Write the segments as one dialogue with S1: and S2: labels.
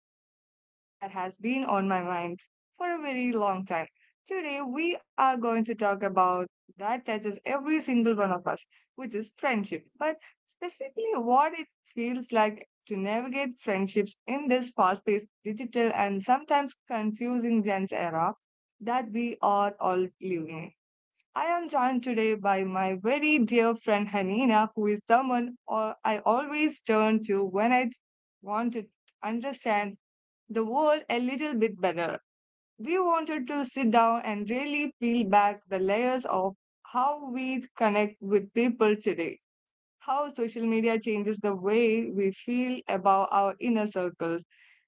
S1: conversation that has been on my mind for a very long time. Today, we are going to talk about that touches every single one of us, which is friendship, but specifically what it feels like to navigate friendships in this fast paced, digital, and sometimes confusing Gen's era that we are all living in. I am joined today by my very dear friend Hanina, who is someone or I always turn to when I want to understand the world a little bit better. We wanted to sit down and really peel back the layers of how we connect with people today, how social media changes the way we feel about our inner circles,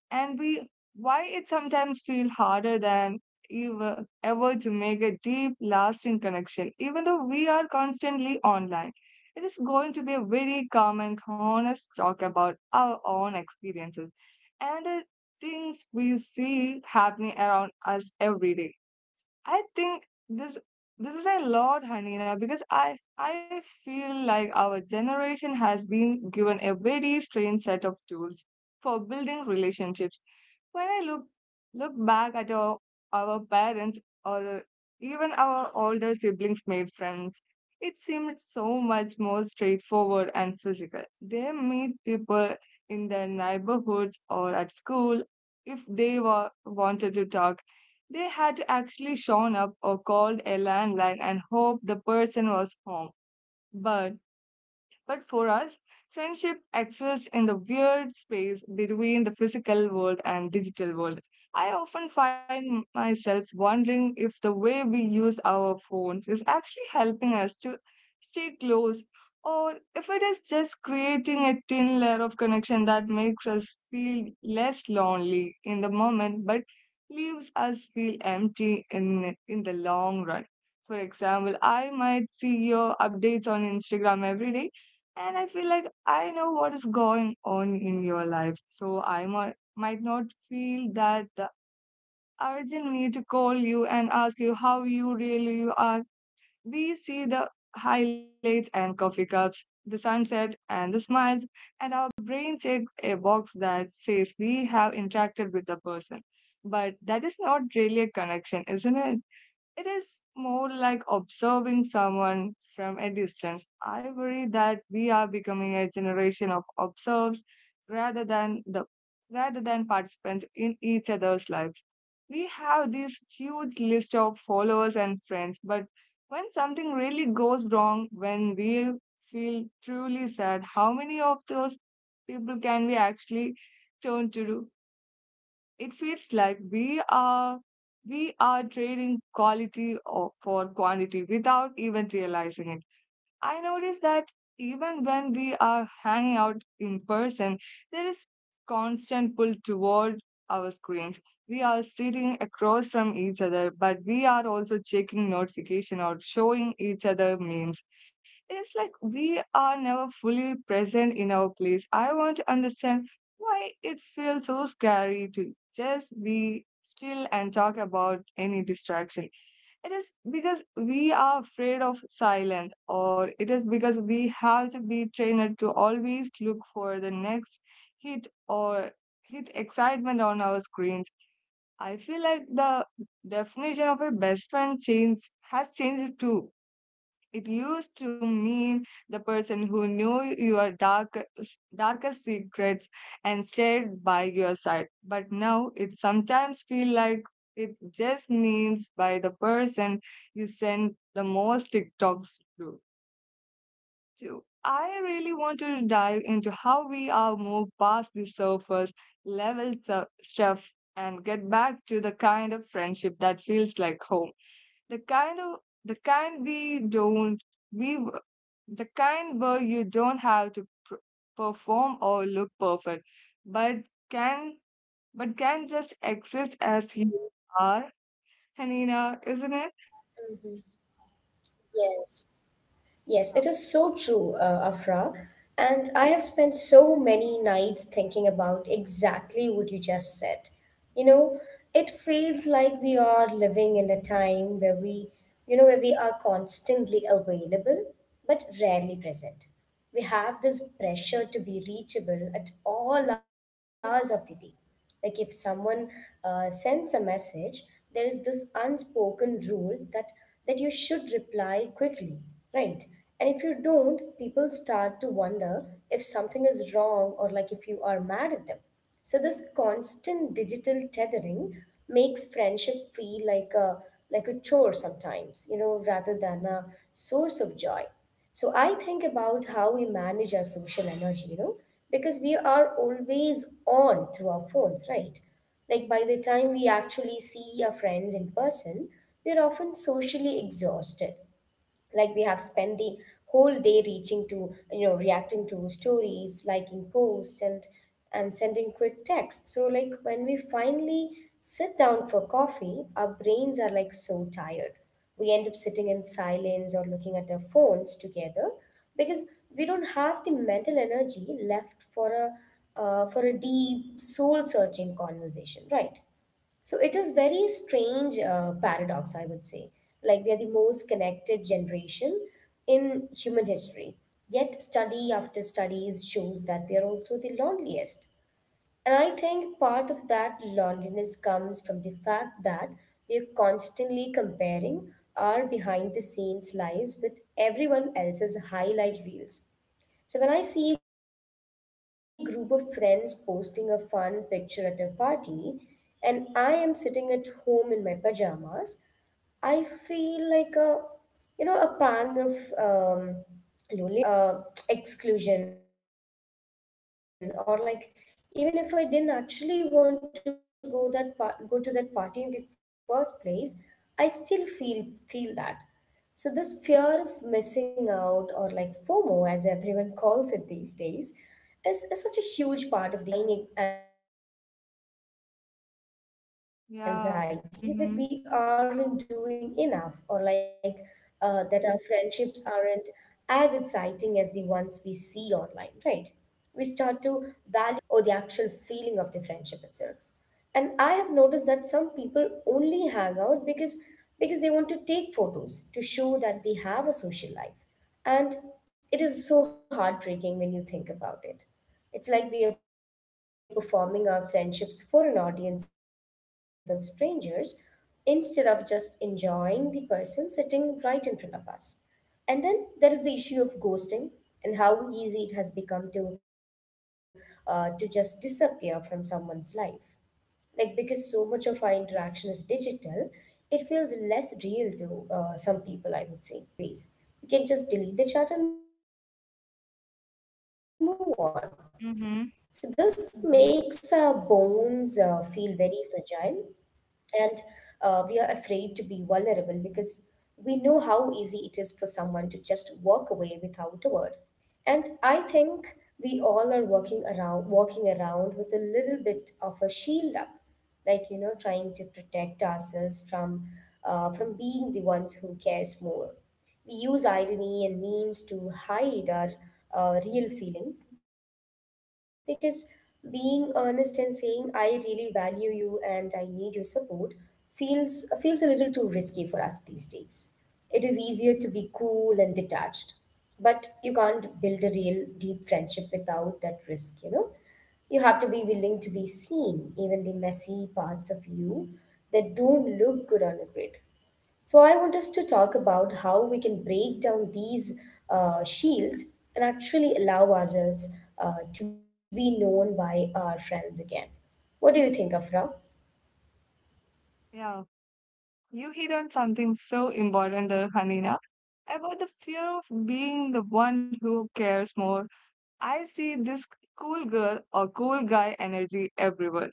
S1: and we why it sometimes feels harder than ever, ever to make a deep lasting connection, even though we are constantly online. It is going to be a very calm and honest talk about our own experiences and the things we see happening around us every day. I think this this is a lot, Hanina, because I feel like our generation has been given a very strange set of tools for building relationships. When I look back at our parents or even our older siblings made friends, it seemed so much more straightforward and physical. They meet people in their neighborhoods or at school. If they were wanted to talk, they had to actually shown up or called a landline and hope the person was home. But but for us, friendship exists in the weird space between the physical world and digital world. I often find myself wondering if the way we use our phones is actually helping us to stay close, or if it is just creating a thin layer of connection that makes us feel less lonely in the moment but leaves us feel empty in the long run. For example, I might see your updates on Instagram every day, and I feel like I know what is going on in your life. So I might not feel that the urgent need to call you and ask you how you really are. We see the highlights and coffee cups, the sunset and the smiles, and our brain checks a box that says we have interacted with the person. But that is not really a connection, isn't it? It is more like observing someone from a distance. I worry that we are becoming a generation of observers rather than the rather than participants in each other's lives. We have this huge list of followers and friends, but when something really goes wrong, when we feel truly sad, how many of those people can we actually turn to? It feels like we are trading quality for quantity without even realizing it. I notice that even when we are hanging out in person, there is constant pull toward our screens. We are sitting across from each other, but we are also checking notification or showing each other memes. It's like we are never fully present in our place. I want to understand why it feels so scary to just be still and talk about any distraction. It is because we are afraid of silence, or it is because we have to be trained to always look for the next hit or hit excitement on our screens. I feel like the definition of a best friend change has changed too. It used to mean the person who knew your darkest secrets and stayed by your side. But now it sometimes feels like it just means by the person you send the most TikToks to. So I really want to dive into how we are moved past the surface level stuff and get back to the kind of friendship that feels like home. The kind of the kind we don't we the kind where you don't have to perform or look perfect, but can can just exist as you are, Hanina, isn't it?
S2: Mhm. Yes, yes, it is so true, Afra. And I have spent so many nights thinking about exactly what you just said. You know, it feels like we are living in a time where we, you know, where we are constantly available but rarely present. We have this pressure to be reachable at all hours of the day. Like if someone sends a message, there is this unspoken rule that you should reply quickly, right? And if you don't, people start to wonder if something is wrong or like if you are mad at them. So this constant digital tethering makes friendship feel like a chore sometimes, you know, rather than a source of joy. So I think about how we manage our social energy, you know, because we are always on through our phones, right? Like by the time we actually see our friends in person, we're often socially exhausted. Like we have spent the whole day reaching to, you know, reacting to stories, liking posts, and sending quick texts. So like when we finally sit down for coffee, our brains are like so tired, we end up sitting in silence or looking at our phones together because we don't have the mental energy left for a deep soul searching conversation, right? So it is very strange paradox, I would say. Like we are the most connected generation in human history. Yet study after studies shows that we are also the loneliest. And I think part of that loneliness comes from the fact that we are constantly comparing our behind the scenes lives with everyone else's highlight reels. So when I see a group of friends posting a fun picture at a party and I am sitting at home in my pajamas, I feel like a, you know, a pang of loneliness. I don't know. It's just that, you know uh, exclusion, or like, even if I didn't actually want to go to that party in the first place, I still feel that. So this fear of missing out, or like FOMO as everyone calls it these days, is such a huge part of the Gen Z friendship experience, okay? And it creates this
S1: Yeah. Mm-hmm.
S2: underlying anxiety that we aren't doing enough, or like that our friendships aren't as exciting as the ones we see online, right? We start to value the aesthetic of friendship, how it looks in a photo, or with the actual feeling of the friendship itself. And I have noticed that some people only hang out because they want to take photos to show that they have a social life, and it is so heartbreaking when you think about it. It's like we are performing our friendships for an audience of strangers instead of just enjoying the person sitting right in front of us. And then there is the issue of ghosting and how easy it has become to just disappear from someone's life. Like because so much of our interaction is digital, it feels less real to some people, I would say. Like if you stop replying to someone, you don't have to see the hurt on their face. You can just delete the chat and
S1: Mm-hmm.
S2: move on. So this
S1: Mm-hmm.
S2: makes our bones feel very fragile, and we are afraid to be vulnerable because we know how easy it is for someone to just walk away without a word. And I think we all are working around walking around with a little bit of a shield up, like, you know, trying to protect ourselves from being the ones who cares more. We use irony and memes to hide our real feelings, because being honest and saying I really value you and I need your support feels a little too risky for us these days. It is easier to be cool and detached, but you can't build a real deep friendship without that risk, you know. You have to be willing to be seen, even the messy parts of you that don't look good on a grid. So I want us to talk about how we can break down these shields and actually allow ourselves to be known by our friends again. What do you think, Afra?
S1: Yeah. You hit on something so important there, Hanina, about the fear of being the one who cares more. I see this cool girl or cool guy energy everywhere.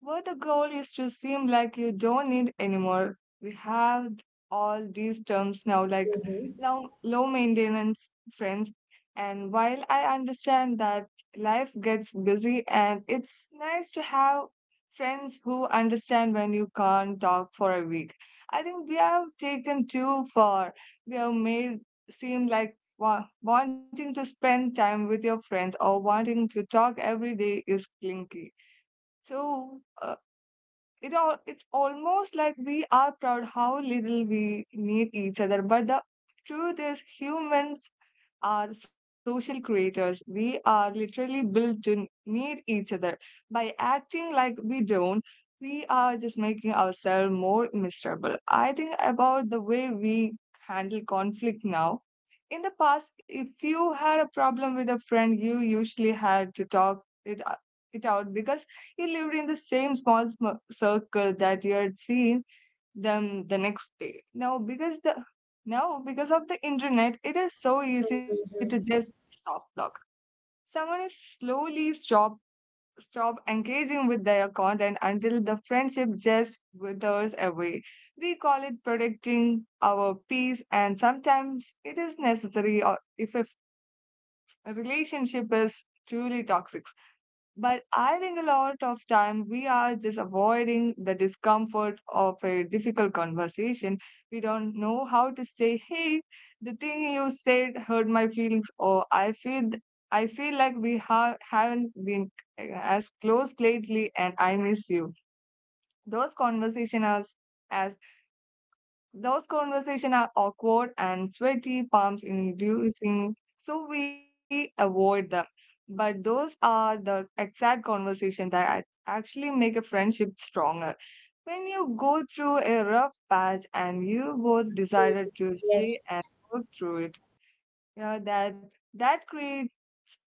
S1: But the goal is to seem like you don't need anymore. We have all these terms now, like low
S2: Mm-hmm.
S1: maintenance friends. And while I understand that life gets busy and it's nice to have friends who understand when you can't talk for a week, I think we have taken too far. We have made seem like wanting to spend time with your friends or wanting to talk every day is clinky. So, it almost like we are proud how little we need each other, but the truth is humans are social creators. We are literally built to need each other. By acting like we don't, we are just making ourselves more miserable. I think about the way we handle conflict now. In the past, if you had a problem with a friend, you usually had to talk it out because you lived in the same small circle that you had seen them the next day. Now because of the internet, it is so easy to just
S2: Mm-hmm.
S1: soft block. Someone is slowly stop engaging with their content until the friendship just withers away. We call it protecting our peace, and sometimes it is necessary or if a relationship is truly toxic. But I think a lot of time we are just avoiding the discomfort of a difficult conversation. We don't know how to say, "Hey, the thing you said hurt my feelings," or "I feel like we haven't been as close lately, and I miss you." Those conversations are as those conversations are awkward and sweaty, palms inducing, so we avoid them. But those are the exact conversations that actually make a friendship stronger. When you go through a rough patch and you both decided to stay
S2: Yes,
S1: and work through it, yeah, that creates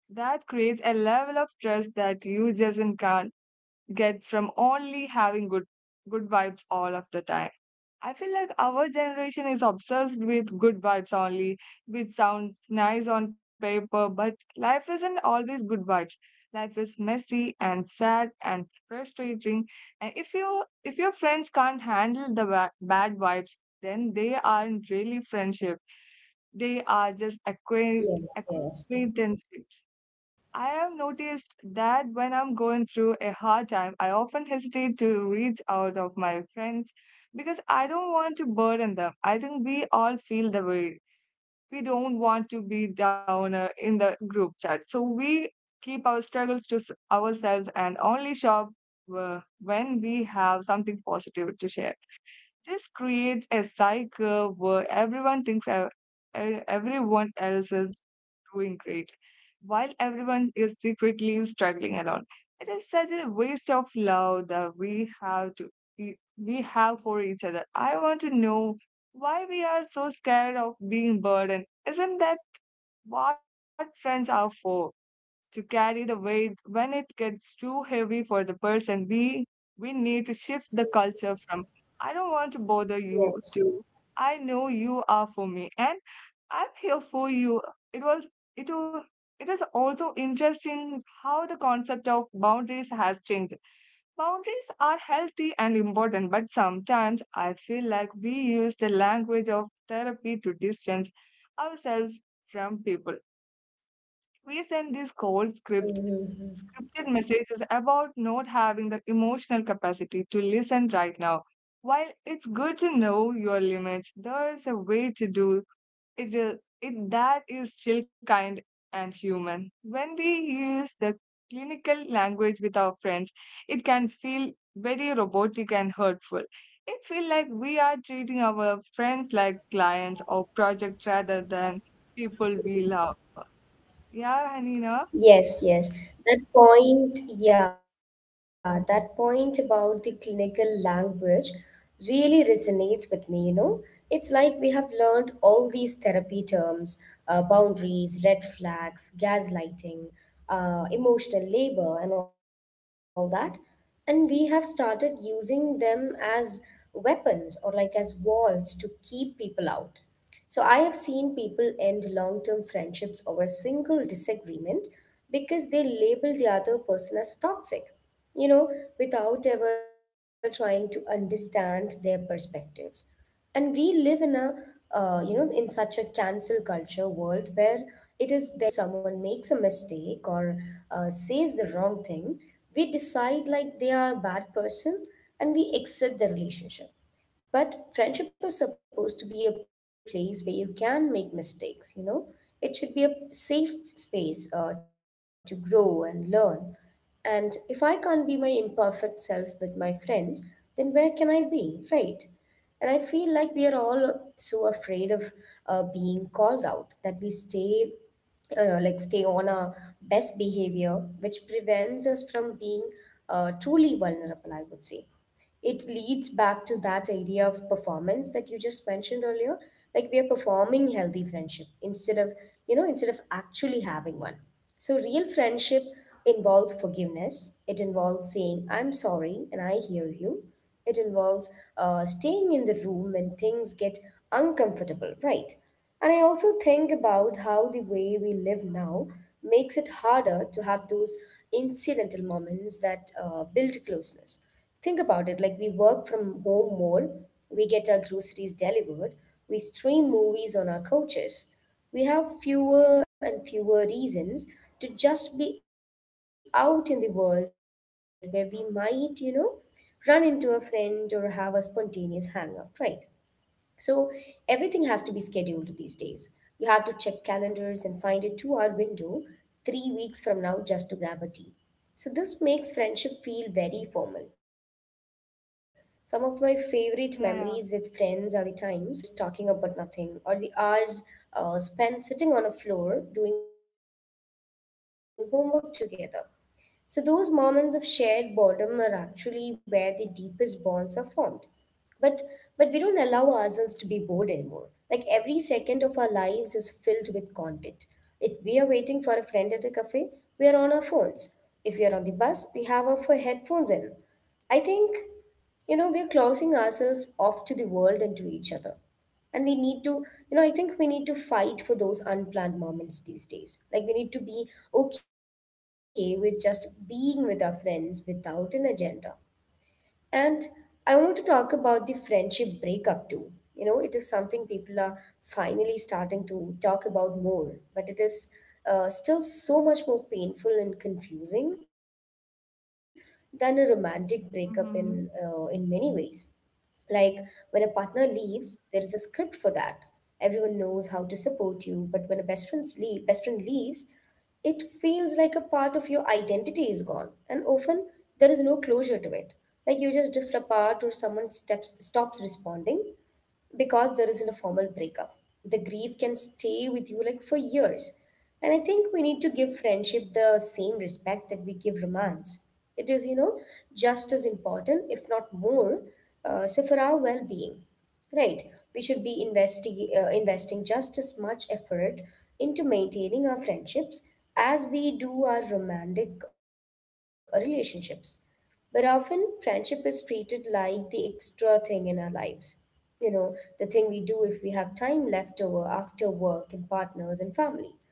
S1: that creates a level of trust that you just can't get from only having good vibes all of the time. I feel like our generation is obsessed with good vibes only, which sounds nice on paper, but life isn't always good vibes. Life is messy and sad and frustrating. And if your friends can't handle the bad vibes, then they aren't really friendship. They are just acquaintanceships.
S2: yes, yes,
S1: I have noticed that when I'm going through a hard time, I often hesitate to reach out of my friends because I don't want to burden them. I think we all feel the way. We don't want to be downer in the group chat. So we keep our struggles to ourselves and only shop when we have something positive to share. This creates a cycle where everyone thinks everyone else is doing great, while everyone is secretly struggling alone. It is such a waste of love that we we have for each other. I want to know why we are so scared of being burdened. Isn't that what friends are for? To carry the weight when it gets too heavy for the person. We need to shift the culture from I don't want to bother
S2: yes.
S1: you to I know you are for me and I'm here for you. It was it was it is also interesting how the concept of boundaries has changed. Boundaries are healthy and important, but sometimes I feel like we use the language of therapy to distance ourselves from people. We send this cold
S2: Mm-hmm.
S1: Scripted message is about not having the emotional capacity to listen right now. While it's good to know your limits, there is a way to do it that is still kind and human. When we use the clinical language with our friends, it can feel very robotic and hurtful. It feels like we are treating our
S2: Yes.
S1: friends like clients or project rather than people we love. Yeah, Hanina?
S2: Yes, yes. That point, yeah, that point about the clinical language really resonates with me, you know. It's like we have learned all these therapy terms, boundaries, red flags, gaslighting, emotional labor, and all that. And we have started using them as weapons, or like as walls to keep people out. So I have seen people end long term friendships over a single disagreement because they label the other person as toxic, you know, without ever trying to understand their perspectives. And we live in a, you know, in such a cancel culture world where it is very easy to just write someone off completely. Like if someone makes a mistake or says the wrong thing, we decide like they are a bad person and we exit the relationship. But friendship is supposed to be a place where you can make mistakes, you know. It should be a safe space to grow and learn. And if I can't be my imperfect self with my friends, then where can I be, right? And I feel like we are all so afraid of being called out that we stay, stay on our best behavior, which prevents us from being truly vulnerable, I would say. It leads back to that idea of performance that you just mentioned earlier. Like we are performing healthy friendship instead of, you know, instead of actually having one. So, real friendship involves forgiveness. It involves saying, I'm sorry and I hear you. It involves staying in the room when things get uncomfortable, right? And I also think about how the way we live now makes it harder to have those incidental moments that build closeness. Think about it, like we work from home more, we get our groceries delivered, we stream movies on our couches. We have fewer and fewer reasons to just be out in the world where we might, you know, run into a friend or have a spontaneous hangout, right? So everything has to be scheduled these days. You have to check calendars and find a 2-hour window 3 weeks from now just to grab a tea. So this makes friendship feel very formal. Some of my favorite memories with friends are the times when
S1: Yeah, yeah.
S2: nothing was planned, like the late night drives, just talking about nothing, or the hours spent sitting on a floor doing homework together. So, those moments of shared boredom are actually where the deepest bonds are formed. But, but we don't allow ourselves to be bored anymore. Like every second of our lives is filled with content. If we are waiting for a friend at a cafe, we are on our phones. If we are on the bus, we have our headphones in. I think, you know, we are closing ourselves off to the world and to each other, and we need to, you know, I think we need to fight for those unplanned moments these days. Like we need to be okay with just being with our friends without an agenda. And I want to talk about the friendship breakup too, you know. It is something people are finally starting to talk about more, but it is still so much more painful and confusing than a romantic breakup in, in many ways.
S1: Mhm.
S2: Like when a partner leaves, there is a script for that. Everyone knows how to support you, but when a best friend leaves, it feels like a part of your identity is gone, and often there is no closure to it. Like you just drift apart, or someone steps stops responding, because there isn't a formal breakup. The grief can stay with you like for years. And I think we need to give friendship the same respect that we give romance. It is, you know, just as important, if not more, so for our well being. Right. We should be investing just as much effort into maintaining our friendships as we do our romantic relationships. But often, friendship is treated like the extra thing in our lives. You know, the thing we do if we have time left over after work and partners and family.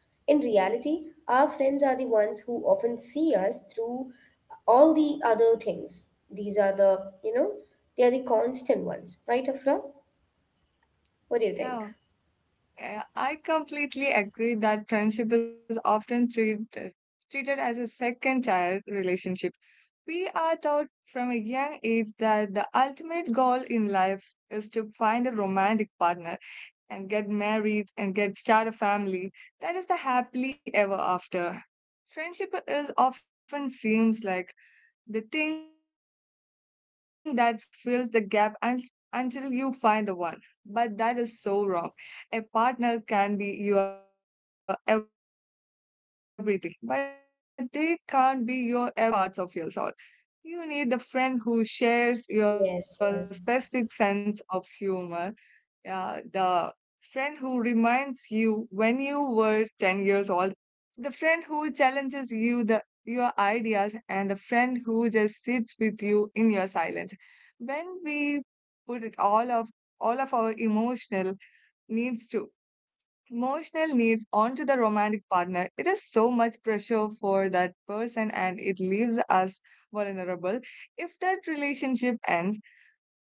S2: In reality, our friends are the ones who often see us through all the other things. These are the, you know, they are the constant ones, right, Afra? What do you
S1: Yeah,
S2: think?
S1: eh, I completely agree that friendship is often treated as a second tier relationship. We are taught from a young age that the ultimate goal in life is to find a romantic partner and get married and get start a family. That is the happily ever after. Friendship is often seems like the thing that fills the gap until you find the one. But that is so wrong. A partner
S2: Yeah,
S1: can be your everything, but they can't be your everyone. You need different people for different parts of your soul. You need the friend who
S2: yes,
S1: shares
S2: yes.
S1: your specific sense of humor, yeah, the friend who reminds you when you were 10 years old, the friend who challenges you the your ideas and the friend who just sits with you in your silence. When we put it all of our emotional needs to emotional needs onto the romantic partner, it is so much pressure for that person and it leaves us vulnerable. If that relationship ends,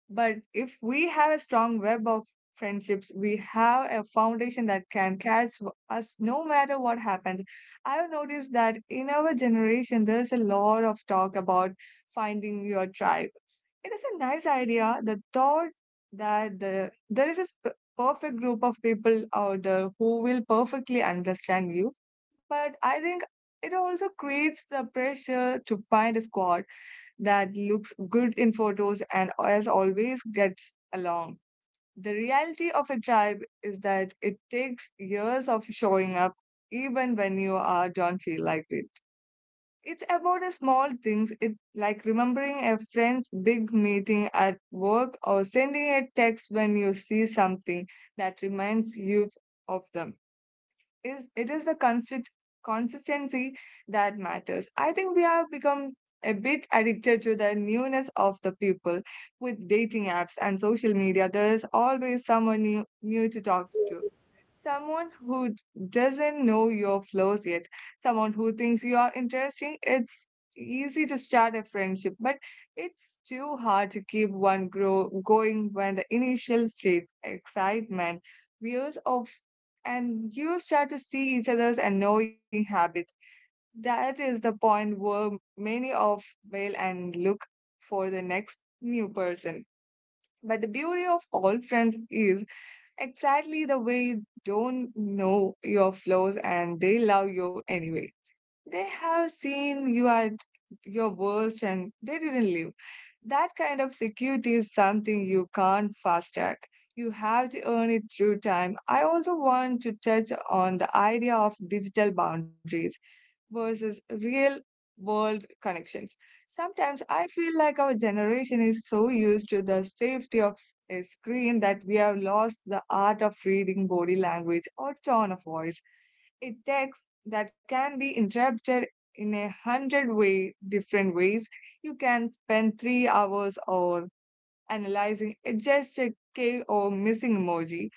S1: but if we have a strong web of friendships, we have a foundation that can catch us no matter what happens. I've noticed that in our generation, there's a lot of talk about finding your tribe. It is a nice idea. The thought that there is a perfect group of people out there who will perfectly understand you. But I think it also creates the pressure to find a squad that looks good in photos and as always gets along. The reality of a tribe is that it takes years of showing up even when you are don't feel like it. It's about the small things, like remembering a friend's big meeting at work or sending a text when you see something that reminds you of them. Is it is the consist- consistency that matters. I think we have become a bit addicted to the newness of the people with dating apps and social media. There's always someone new, new to talk to. Someone who doesn't know your flaws yet, someone who thinks you are interesting. It's easy to start a friendship, but it's too hard to keep one grow going when the initial state, excitement, views of, and you start to see each other's annoying habits. That is the point where many of fail and look for the next new person. But the beauty of all friends is exactly the way you don't know your flaws and they love you anyway. They have seen you at your worst and they didn't leave. That kind of security is something you can't fast track. You have to earn it through time. I also want to touch on the idea of digital boundaries versus real world connections. Sometimes I feel like our generation is so used to the safety of a screen that we have lost the art of reading body language or tone of voice. A text that can be interpreted in a hundred-way different ways. You can spend 3 hours or analyzing just a K or missing emoji.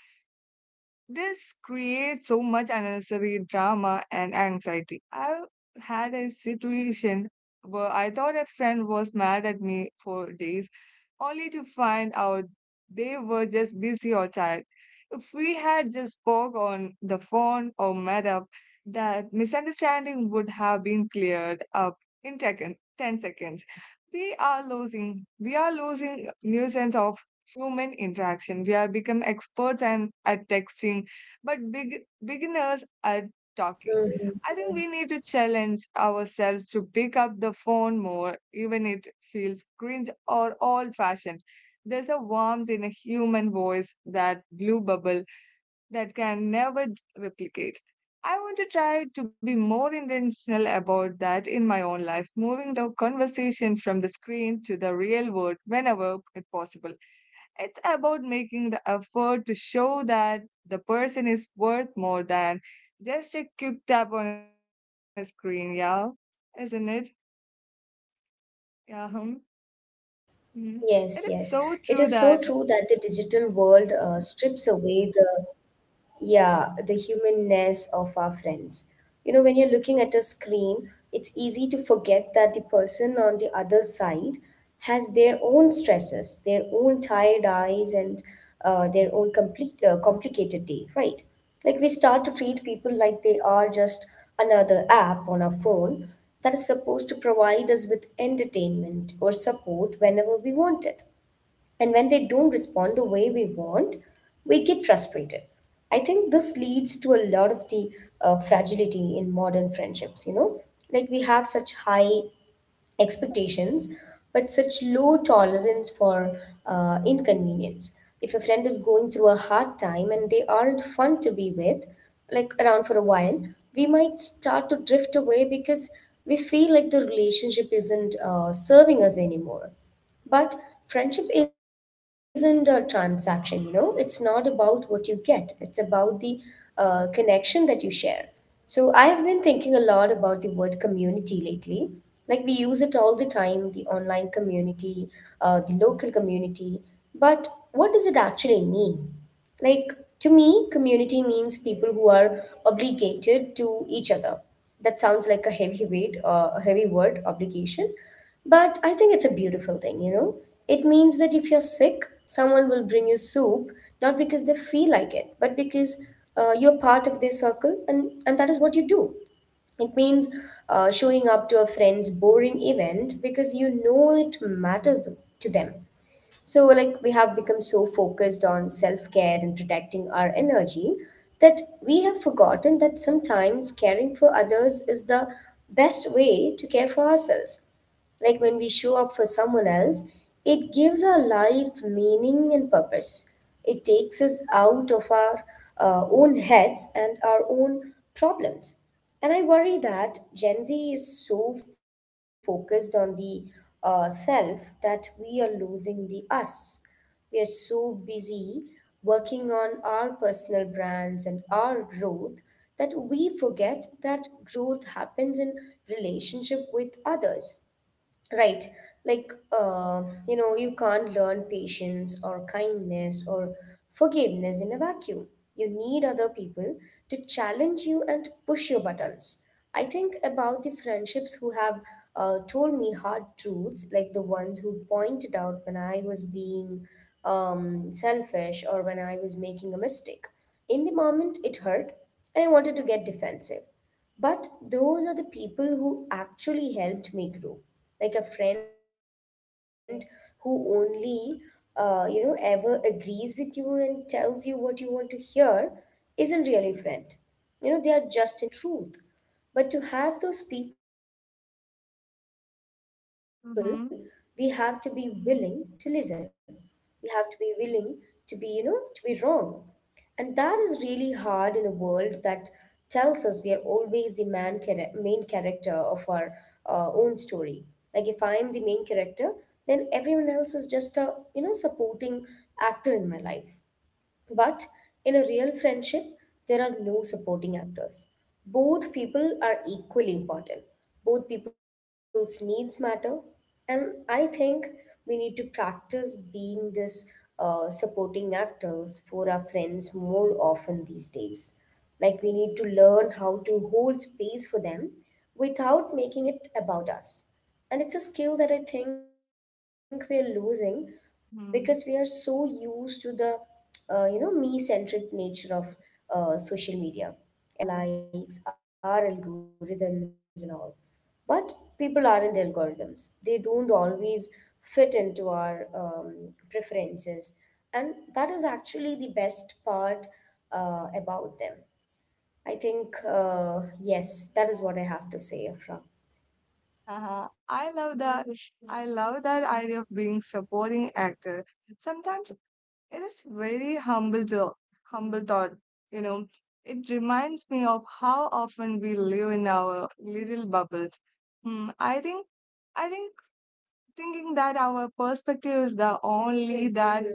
S1: This creates so much unnecessary drama and anxiety. I had a situation where I thought a friend was mad at me for days, only to find out they were just busy or tired. If we had just spoke on the phone or met up, that misunderstanding would have been cleared up in 10 seconds. We are losing nuisance of human interaction. We are become experts and at texting, but big beginners at
S2: Hmm.
S1: talking. I think we need to challenge ourselves to pick up the phone more, even it feels cringe or old fashioned. There's a warmth in a human voice, that blue bubble that can never replicate. I want to try to be more intentional about that in my own life, moving the conversation from the screen to the real world whenever it possible. It's about making the effort to show that the person is worth more than just a quick tap on a screen, yeah? Isn't it? Yeah. Hmm. Mhm. It is so
S2: Yes,
S1: true
S2: yes.
S1: that.
S2: It is so true that the digital world strips away the humanness of our friends. You know, when you're looking at a screen, it's easy to forget that the person on the other side has their own stresses, their own tired eyes, and their own complete complicated day, right? Like, we start to treat people like they are just another app on our phone that is supposed to provide us with entertainment or support whenever we want it, and when they don't respond the way we want, we get frustrated. I think this leads to a lot of the fragility in modern friendships, you know? Like, we have such high expectations, but such low tolerance for inconvenience. If a friend is going through a hard time and they aren't fun to be with, like around for a while, we might start to drift away because we feel like the relationship isn't serving us anymore. But friendship isn't a transaction, you know, it's not about what you get, it's about the connection that you share. So I've been thinking a lot about the word community lately. Like, we use it all the time: the online community, the local community. But what does it actually mean? Like, to me, community means people who are obligated to each other. That sounds like a heavy weight, a heavy word, obligation. But I think it's a beautiful thing, you know? It means that if you're sick, someone will bring you soup, not because they feel like it, but because you're part of their circle, and that is what you do. It means showing up to a friend's boring event because you know it matters to them. So, like, we have become so focused on self care and protecting our energy that we have forgotten that sometimes caring for others is the best way to care for ourselves. Like, when we show up for someone else, it gives our life meaning and purpose. It takes us out of our own heads and our own problems. And I worry that Gen Z is so focused on the self that we are losing the us. We are so busy working on our personal brands and our growth that we forget that growth happens in relationship with others. Right. Like, you know, you can't learn patience or kindness or forgiveness in a vacuum. You need other people to challenge you and push your buttons. I think about the friendships who have told me hard truths, like the ones who pointed out when I was being selfish or when I was making a mistake. In the moment, it hurt, and I wanted to get defensive. But those are the people who actually helped me grow. Like, a friend who you know, ever agrees with you and tells you what you want to hear isn't really a friend. You know, they are just an echo. We need people who love us enough to tell us the truth. But to have those
S1: Mm-hmm.
S2: people, we have to be willing to listen. We have to be willing to be, you know, to be wrong. And that is really hard in a world that tells us we are always the main character of our own story. Like, if I am the main character, then everyone else is just a, you know, supporting actor in my life. But in a real friendship, there are no supporting actors. Both people are equally important. Both people's needs matter. And I think we need to practice being this supporting actors for our friends more often these days. Like, we need to learn how to hold space for them without making it about us. And it's a skill that I think we're losing
S1: Mm-hmm.
S2: because we are so used to the you know me-centric nature of social media. Everything online is tailored to our preferences, our likes, our algorithms, and all. But people aren't algorithms. They don't always fit into our preferences, and that is actually the best part about them. I think yes, that is what I have to say, Afra.
S1: Uh-huh. I love that. I love that idea of being supporting actor. Sometimes it is very humble thought, you know. It reminds me of how often we live in our little bubbles. Hmm, I think I think thinking that our perspective is the only that.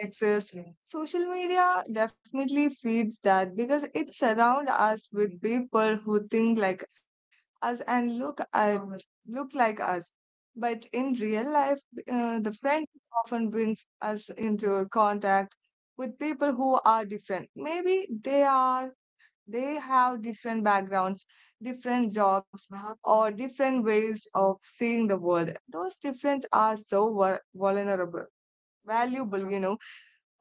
S1: Exactly. Social media definitely feeds that because it surrounds us with people who think like us and look like us. But in real life, the friend often brings us into contact with people who are different. Maybe they have different backgrounds, different jobs, or different ways of seeing the world. Those differences are so valuable, you know.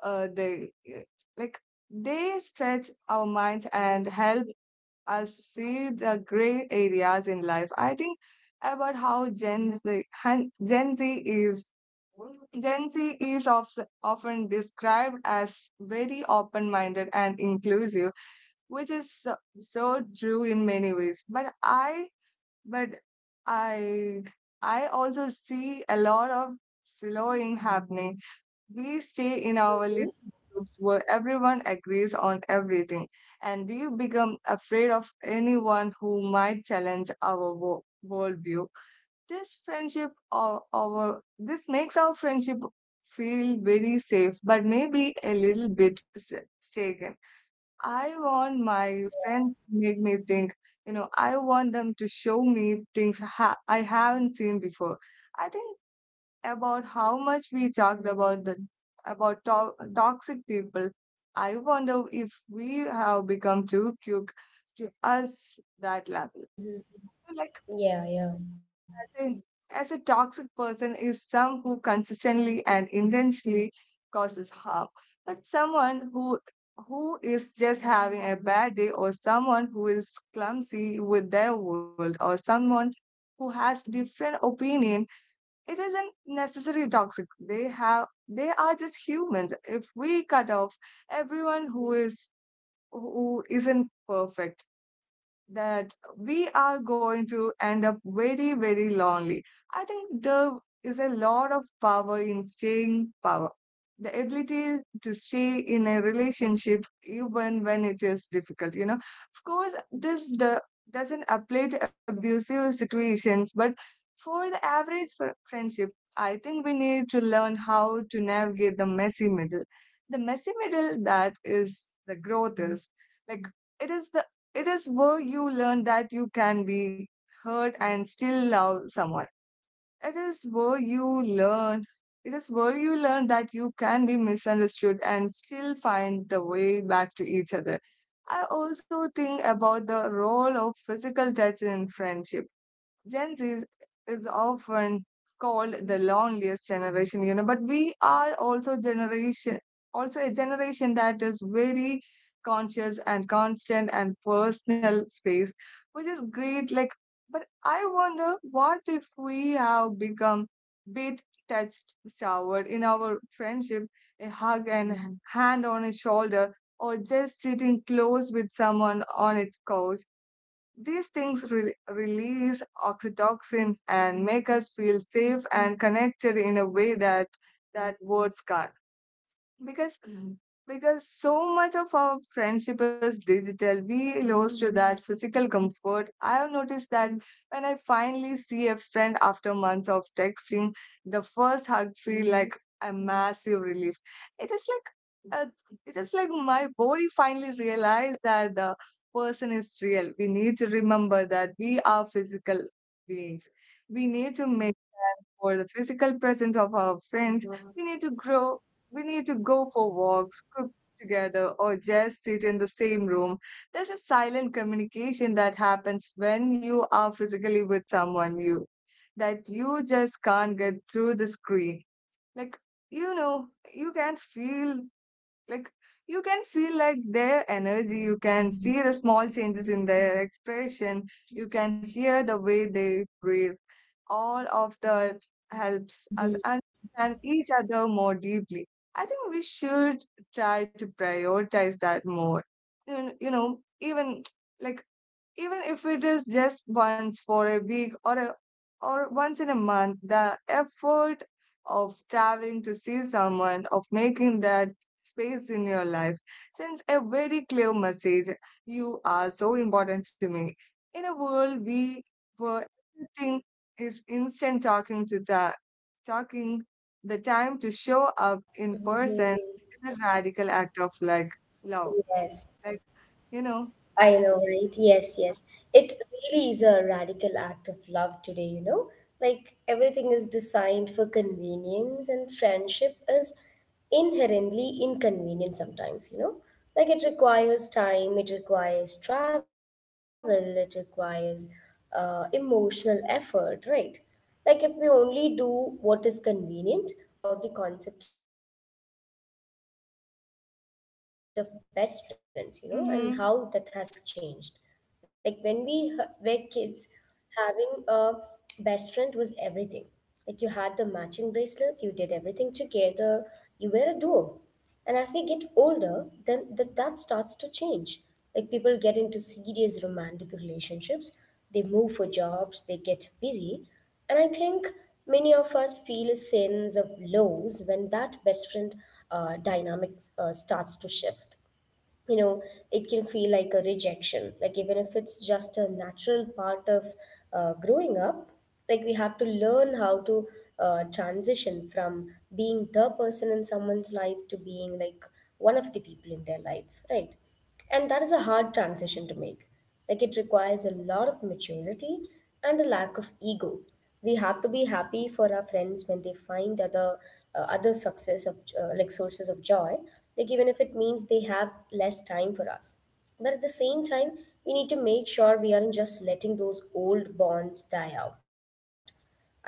S1: uh, they uh, like they stretch our minds and help us see the gray areas in life. I think about how Gen Z, han- Gen Z is of, often described as very open-minded and inclusive, which is so, so true in many ways. But I, I also see a lot of slowing happening. We stay in our little groups where everyone agrees on everything, and we become afraid of anyone who might challenge our worldview. This makes our friendship feel very safe, but maybe a little bit mistaken. I want my friends to make me think. You know, I want them to show me things I haven't seen before. I think about how much we talked about toxic people. I wonder if we have become too quick to us that level. Like
S2: Yeah, yeah.
S1: as a toxic person is some who consistently and intentionally causes harm, but someone who is just having a bad day or someone who is clumsy with their world or someone who has different opinion, it isn't necessarily toxic. They are just humans. If we cut off everyone who isn't perfect, that we are going to end up very, very lonely. I think there is a lot of power in staying power. The ability to stay in a relationship even when it is difficult, you know. Of course, this the doesn't apply to abusive situations, but for the average friendship, I think we need to learn how to navigate the messy middle. The messy middle that is the growth is like it is the it is where you learn that you can be hurt and still love someone. It is where you learn it is where you learn that you can be misunderstood and still find the way back to each other. I also think about the role of physical touch in friendship. Gen Z is often called the loneliest generation, you know, but we are also a generation that is very conscious and constant and personal space, which is great. Like, but I wonder what if we have become bit touched, showered in our friendship, a hug and hand on a shoulder, or just sitting close with someone on its couch. These things release oxytocin and make us feel safe and connected in a way that words can't. Because mhm, because so much of our friendship is digital, we lost to that physical comfort. I have noticed that when I finally see a friend after months of texting, the first hug feel like a massive relief. It is like uh, it is like my body
S2: Yes.
S1: finally realized that the person is real. We need to remember that we are physical beings. We need to make for the physical presence of our friends. we need to grow we need to go for walks, cook together, or just sit in the same room. There's a silent communication that happens when you are physically with someone you that you just can't get through the screen. Like, you know, you can feel like you can feel like their energy, you can see the small changes in their expression, you can hear the way they breathe. All of that helps us understand each other more deeply. I think we should try to prioritize that more. You know, even like even if it is just once for a week or once in a month, the effort of traveling to see someone, of making that space in your life, sends a very clear message: you are so important to me. In a world we where everything is instant, talking the time to show up in
S2: Mhm.
S1: person is a radical act of like love.
S2: Yes.
S1: Like, you know.
S2: I know, right? Yes, yes. It really is a radical act of love today, you know? Like, everything is designed for convenience, and friendship is inherently inconvenient sometimes, you know? Like, it requires time, it requires travel, it requires emotional effort, right? Like, if we only do what is convenient, we will never have deep friendships, I would say. I also want to talk about the concept of best friends, you know,
S1: Mm-hmm.
S2: and how that has changed. Like, when we were kids, having a best friend was everything. Like, you had the matching bracelets, you did everything together, you were a duo. And as we get older, then that starts to change. Like, people get into serious romantic relationships, they move for jobs, they get busy, and I think many of us feel a sense of lows when that best friend dynamics starts to shift. You know, it can feel like a rejection, like even if it's just a natural part of growing up. Like, we have to learn how to transition from being the person in someone's life to being like one of the people in their life, right? And that is a hard transition to make. Like, it requires a lot of maturity and a lack of ego. We have to be happy for our friends when they find other success of, like, sources of joy. Like, even if it means they have less time for us. But at the same time, we need to make sure we aren't just letting those old bonds die out.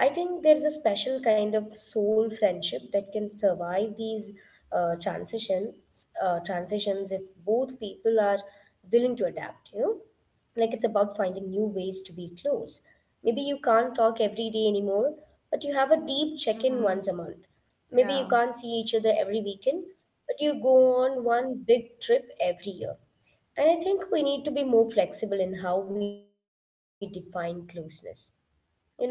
S2: I think there's a special kind of soul friendship that can survive these uh, transitions transitions if both people are willing to adapt, you know? Like, it's about finding new ways to be close. Maybe you can't talk every day anymore, but you have a deep check-in
S1: Mm-hmm.
S2: once a month. Maybe you
S1: Yeah.
S2: can't see each other every weekend, but you go on one big trip every year. And I think we need to be more flexible in how we define closeness. You know,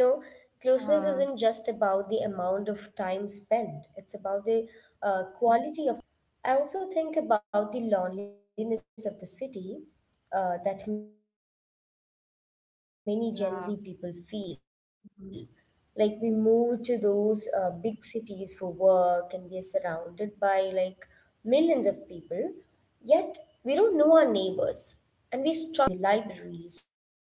S2: closeness
S1: Uh-huh.
S2: isn't just about the amount of time spent, it's about the quality of the connection, you know, and the trust that is built over years. I also think about the loneliness of the city
S1: Yeah.
S2: that many Gen Z people
S1: Mm-hmm.
S2: feel. Like, we move to those big cities for work and we are surrounded by like millions of people, yet we don't know our neighbors and we struggle to make new friends.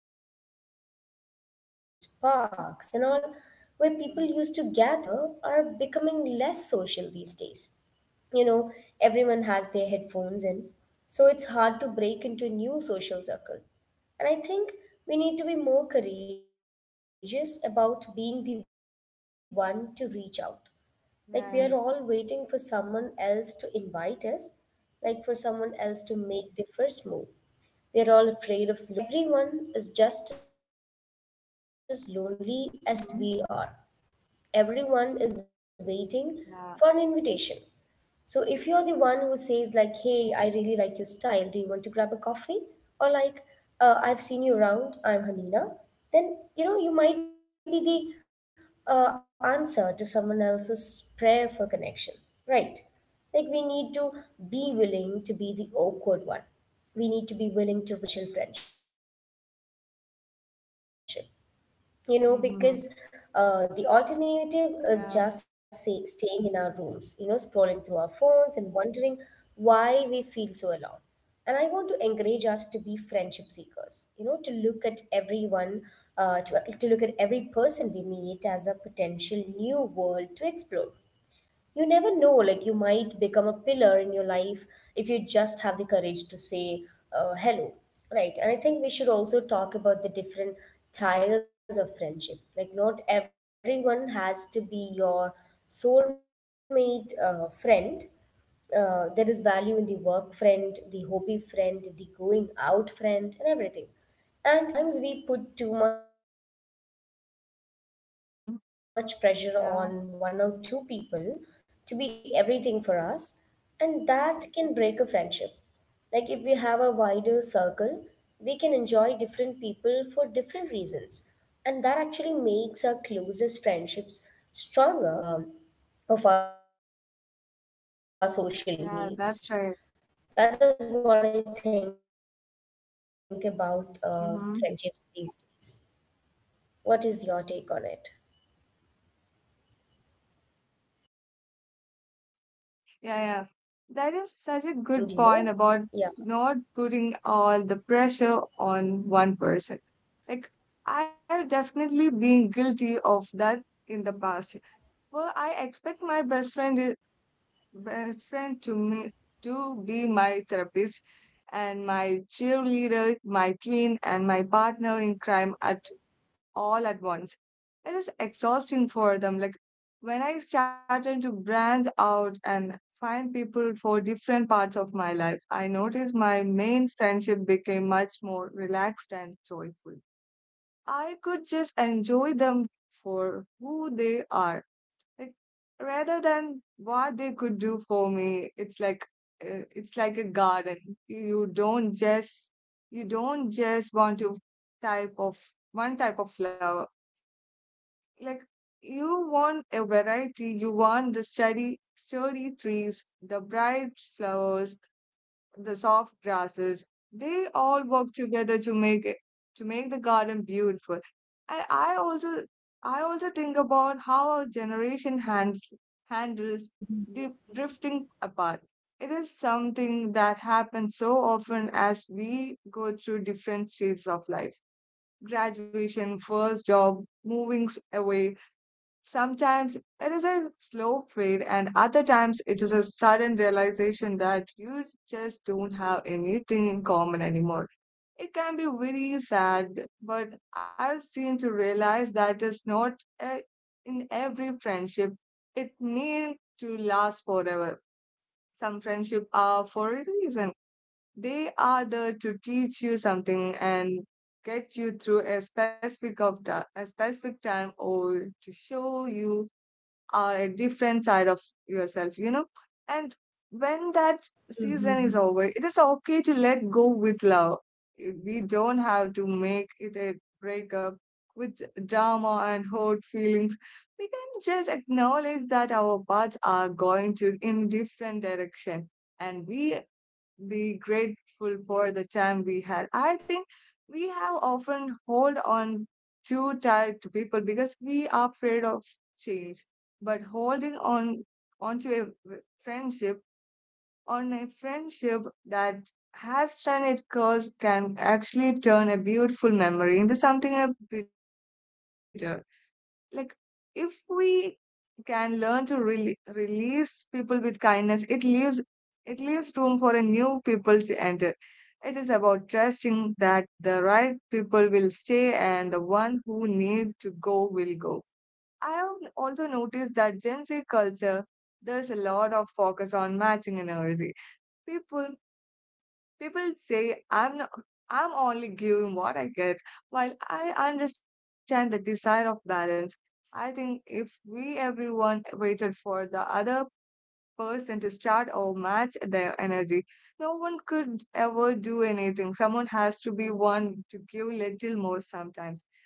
S2: The third places, the cafes, the libraries, parks, and all, where people used to gather, are becoming less social these days. You know, everyone has their headphones in, so it's hard to break into a new social circle. And I think we need to be more courageous about being the one to reach out. Like, we are
S1: Yeah.
S2: all waiting for someone else to invite us, like, for someone else to make the first move. We're all afraid of looking desperate or weird, but the truth is,
S1: Mm-hmm.
S2: everyone is just as lonely as we are.
S1: Yeah.
S2: Everyone is waiting for an invitation. So if you're the one who says, like, "Hey, I really like your style. Do you want to grab a coffee?" or like, "I've seen you around. I'm Hanina," then you know you might be the answer to someone else's prayer for connection, right? Like, we need to be willing to be the awkward one. We need to be willing to risk a little bit of rejection for the sake of a potential friendship.
S1: Mm-hmm.
S2: You know, because the
S1: Yeah.
S2: alternative is, just say, staying in our rooms, you know, scrolling through our phones and wondering why we feel so alone. And I want to encourage us to be friendship seekers, you know, to look at everyone, to look at every person we meet as a potential new world to explore. You never know, like, you might become a pillar in your life if you just have the courage to say hello, right? And I think we should also talk about the different tires of friendship. Like, not everyone has to be your soulmate friend. There is value in the work friend, the hobby friend, the going out friend, and everything. And each of these people adds a different color to our lives.
S1: Mm-hmm.
S2: Sometimes we put too
S1: Yeah.
S2: much pressure on one or two people to be everything for us, and that can break a friendship. Like, if we have a wider circle, we can enjoy different people for different reasons. And that actually makes our closest friendships stronger because you know they don't have to carry the whole
S1: Yeah.
S2: weight
S1: That's right.
S2: of our social needs. That is what I think about
S1: Mm-hmm.
S2: friendships these days. What is your take on it?
S1: Yeah. Yeah, yeah. That is such a good point
S2: I
S1: about
S2: think,
S1: not putting
S2: yeah, I
S1: all the
S2: think it's a good
S1: pressure
S2: point, you
S1: on
S2: know.
S1: one person.
S2: Yeah.
S1: Like, I've definitely been guilty of that in the past, where I expect my best friend to me to be my therapist and my cheerleader, my twin, and my partner in crime at all at once. It is exhausting for them. Like when I started to branch out and find people for different parts of my life, I noticed my main friendship became much more relaxed and joyful. I could just enjoy them for who they are, like rather than what they could do for me. It's like it's like a garden. You don't just you don't just want to type of one type of flower, like you want a variety. You want the sturdy trees, the bright flowers, the soft grasses. They all work together to make it to make the garden beautiful. And I also think about how our generation handles drifting apart. It is something that happens so often as we go through different stages of life: graduation, first job, moving away. Sometimes it is a slow fade, and other times it is a sudden realization that you just don't have anything in common anymore. It can be very sad, but I've seen to realize that it's not a, in every friendship, it means to last forever. Some friendship are for a reason. They are there to teach you something and get you through a specific time, or to show you are a different side of yourself, you know. And when that season is over, it is okay to let go with love. We don't have to make it a breakup with drama and hurt feelings. We can just acknowledge that our paths are going to in different direction, and we be grateful for the time we had. I think we have often hold on too tight to people because we are afraid of change. But holding on onto a friendship on a friendship that has done its course can actually turn a beautiful memory into something a bitter. Like, if we can learn to release people with kindness, it leaves room for a new people to enter. It is about trusting that the right people will stay and the one who need to go will go. I have also noticed that Gen Z culture, there's a lot of focus on matching energy. people People say I'm not, I'm only giving what I get, while I understand the desire of balance. I think if we everyone waited for the other person to start or match their energy, no one could ever do anything. Someone has to be one to give little more sometimes,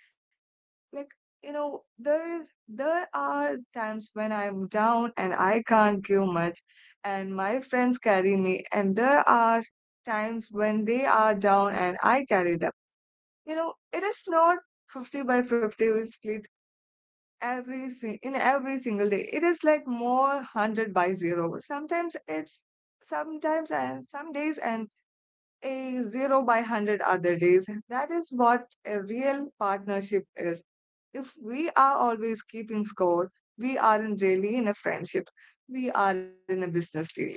S1: like, you know, there are times when I am down and I can't give much, and my friends carry me, and there are times when they are down and I carry them. You know, it is not 50 by 50 split in every single day. It is like more 100 by 0 sometimes. It's sometimes and Some days and a zero by 100 other days. That is what a real partnership is. If we are always keeping score, we aren't really in a friendship. We are in a business deal. Like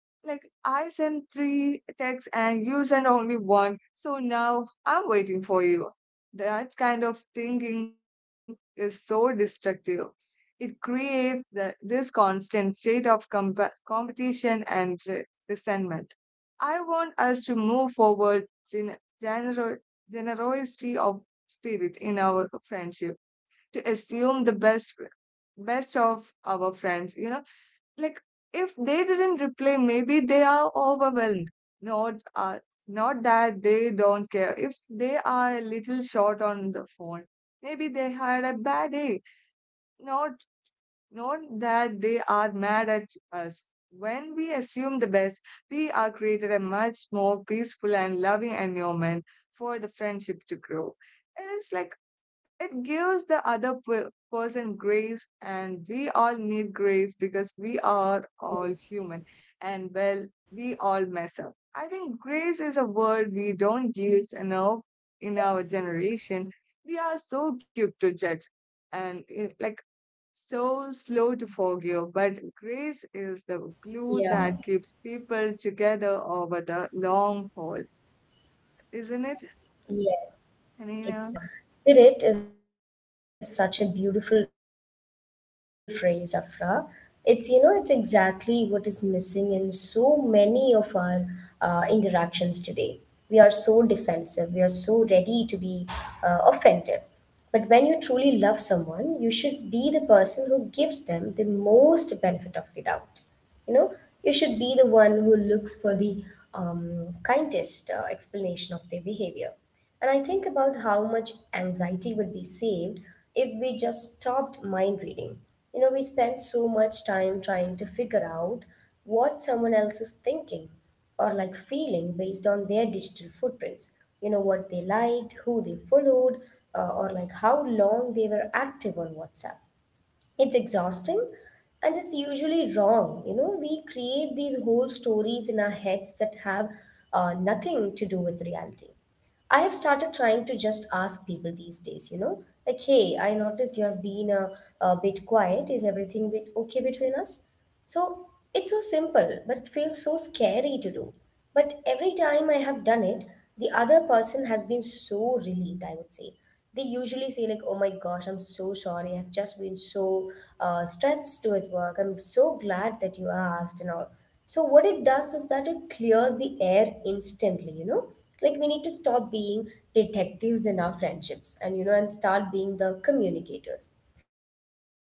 S1: like I sent three texts and you sent only one, so now I'm waiting for you. That kind of thinking is so destructive. This constant state of competition and resentment. I want us to move forward in genero- generosity of spirit in our friendship, to assume the best of our friends, you know, like, if they didn't reply, maybe they are overwhelmed, not uh, not that they don't care. If they are a little short on the phone, maybe they had a bad day, not not that they are mad at us. When we assume the best, we are created a much more peaceful and loving environment for the friendship to grow. It is like it gives the person grace, and we all need grace because we are all human and, well, we all mess up. I think grace is a word we don't use
S2: Yes.
S1: enough in our generation. We are so quick to judge and so slow to
S2: Yeah.
S1: forgive, but grace is the glue that keeps people together
S2: Yes.
S1: over the long haul,
S2: Exactly.
S1: isn't
S2: Exactly,
S1: it,
S2: exactly. Generosity of
S1: Hanina?
S2: spirit is such a beautiful phrase, Afra. It's, you know, it's exactly what is missing in so many of our interactions today. We are so defensive, we are so ready to be offended. But when you truly love someone, you should be the person who gives them the most benefit of the doubt. You know, you should be the one who looks for the kindest explanation of their behavior, and I think about how much anxiety would be saved if we just stopped mind reading. You know, we spend so much time trying to figure out what someone else is thinking or like feeling based on their digital footprints. You know, what they liked, who they followed, or like how long they were active on WhatsApp. It's exhausting and it's usually wrong. You know, we create these whole stories in our heads that have nothing to do with reality. I have started trying to just ask people these days, you know, like, hey, I noticed you have been a bit quiet. Is everything bit okay between us? So it's so simple, but it feels so scary to do. But every time I have done it, the other person has been so relieved, I would say. They usually say, like, oh my gosh, I'm so sorry. I've just been so stressed with work. I'm so glad that you asked and all. So, what it does is that it clears the air instantly, you know? Like we need to stop being detectives in our friendships, and you know and start being the communicators.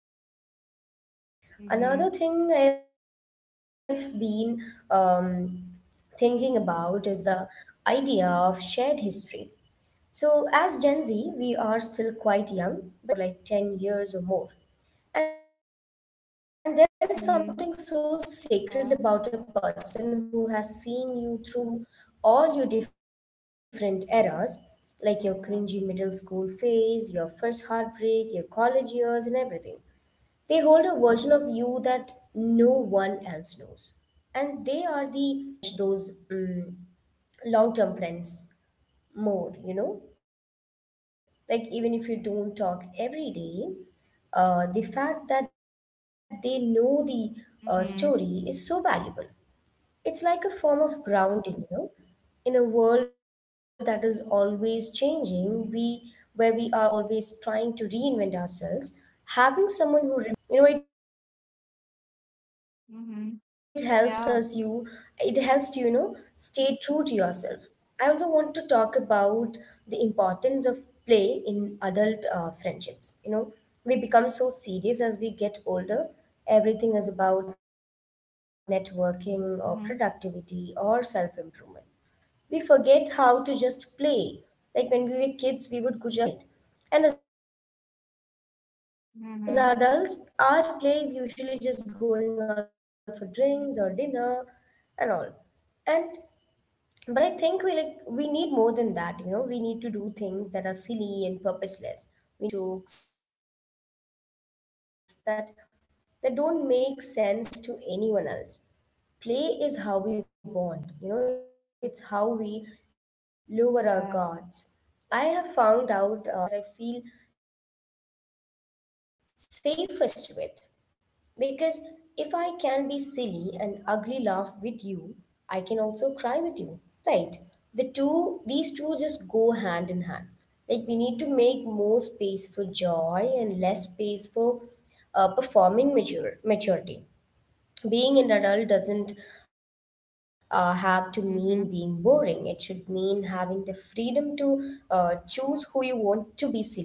S2: Another thing I've
S1: Mm-hmm.
S2: been um, thinking about is the idea of shared history. So as Gen Z, we are still quite young, but we are reaching the age where we have friends we have known for like
S1: Mm-hmm.
S2: 10 years or more.
S1: Yeah.
S2: And there is something so sacred about a person who has seen you through all your different eras,
S1: Yeah. Yeah.
S2: like your cringy middle school phase, your first heartbreak, your college years, and everything. They hold a version of you that no one else knows. And they are you know, witness to your life. I think we would cherish those long term friends more, you know? Like, even if you don't talk every day, the fact that they know the story
S1: Mm-hmm.
S2: is so valuable. It's like a form of grounding, you know? In a world that is always changing, we where we are
S1: Mm-hmm.
S2: always trying to reinvent ourselves, having someone who remembers the original you is a huge gift, I would say. You know,
S1: Mm-hmm.
S2: it helps us you
S1: Yeah.
S2: it helps to, you know, stay true to yourself. I also want to talk about the importance of play in adult friendships. You know, we become so serious as we get older. Everything is about networking or productivity or
S1: Mm-hmm.
S2: self improvement. We forget how to just play. Like when we were kids, we would go just go outside and run around or like make up some games,
S1: Mm-hmm.
S2: right? And as adults, our play is usually just going out for drinks or dinner and all. And but I think we need more than that, you know. We need to do things that are silly and purposeless. We need to laugh until our stomachs hurt. We need to have inside jokes that don't make sense to anyone else. Play is how we bond, you know. It's how we lower our guards. I
S1: Yeah.
S2: have found out you know, that the friends I have the most fun with are the ones that I feel safest with, because if I can be silly and ugly laugh with you, I can also cry with you, right? These two just go hand in hand. Like we need to make more space for joy and less space for performing maturity. Being an adult doesn't have to mean being boring. It should
S1: Mm-hmm.
S2: mean having the freedom to choose who you want to be silly with, you know.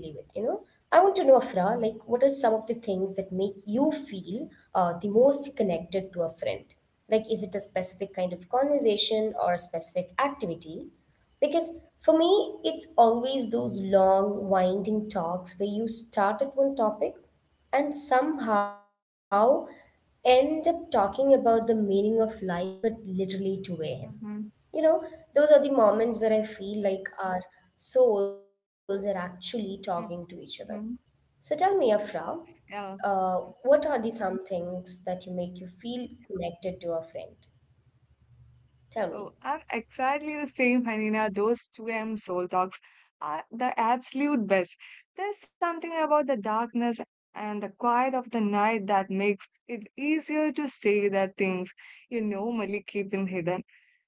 S2: I want to know, Afra, like, what are some of the things that make you feel the most connected to a friend? Like, is it a specific kind of conversation or a specific activity? Because for me, it's always those long, winding talks where you start at one topic and somehow end up talking about the meaning of life at literally 2 a.m.
S1: Mm-hmm.
S2: You know, those are the moments where I feel like our souls are actually talking to each other.
S1: Mm-hmm.
S2: So tell me, Afra,
S1: Yeah.
S2: uh, what are the some things that you make you feel connected to a friend?
S1: Oh,
S2: Tell
S1: I'm
S2: me.
S1: exactly the same, Hanina. Those 2 a.m. soul talks are the absolute best. There's something about the darkness and the quiet of the night that makes it easier to say the things you normally keep in hidden.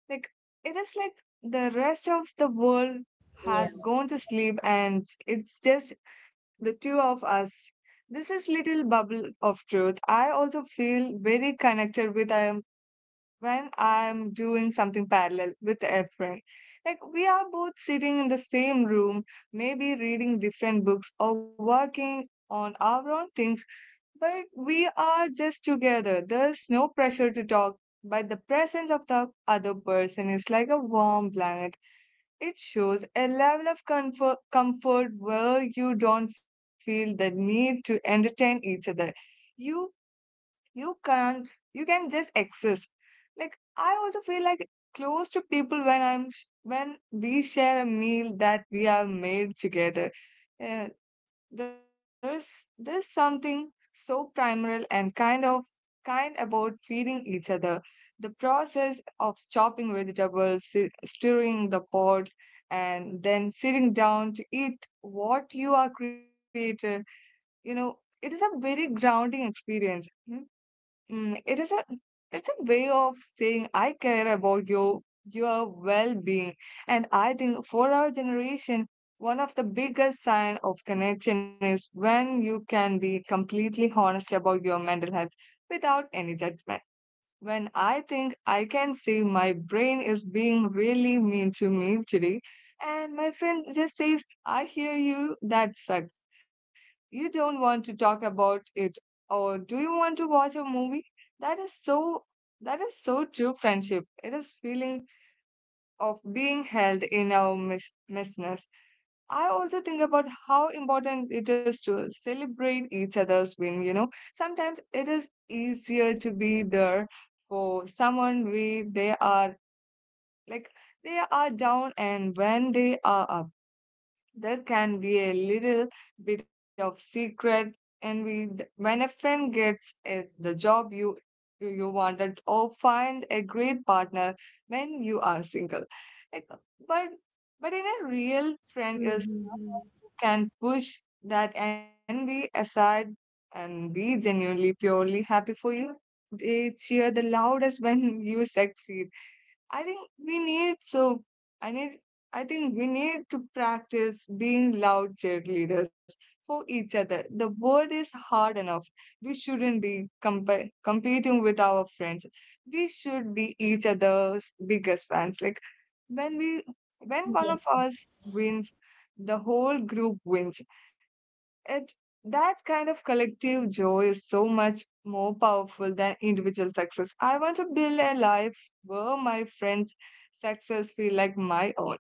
S1: Like, it is like the rest of the world has gone to sleep and
S2: Yeah.
S1: it's just the two of us. This is little bubble of truth. I also feel very connected with I when I'm doing something parallel with a friend. Like, we are both sitting in the same room, maybe reading different books or working on our own things, but we are just together. There's no pressure to talk, but the presence of the other person is like a warm blanket. It shows a level of comfort where you don't feel the need to entertain each other. You you can't you can just exist. Like, I also feel like close to people when I'm when we share a meal that we have made together. uh, there's there's something so primal and kind about feeding each other. The process of chopping vegetables, stirring the pot, and then sitting down to eat what you are created, you know, it is a very grounding experience. Hmm? Mm, it's a way of saying I care about you, your well-being. And I think for our generation, one of the biggest sign of connection is when you can be completely honest about your mental health without any judgment. When I think I can say my brain is being really mean to me today, and my friend just says, I hear you, that sucks. You don't want to talk about it, or do you want to watch a movie? That is so that is so true friendship. It is feeling of being held in our misness. I also think about how important it is to celebrate each other's win, you know. Sometimes it is easier to be there for someone when like they are down and when they are up. There can be a little bit of secret envy when a friend gets the job you wanted, or find a great partner when you are single. Like, but but in a real friend is can
S2: Mm-hmm.
S1: push that envy aside and be genuinely purely happy for you. They cheer the loudest when you succeed. I think we need so I need I think we need to practice being loud cheerleaders for each other. The world is hard enough. We shouldn't be competing with our friends. We should be each other's biggest fans. Like, when we when one of us wins, the whole group wins. It That kind of collective joy is so much more powerful than individual success. I want to build a life where my friends' success feel like my own.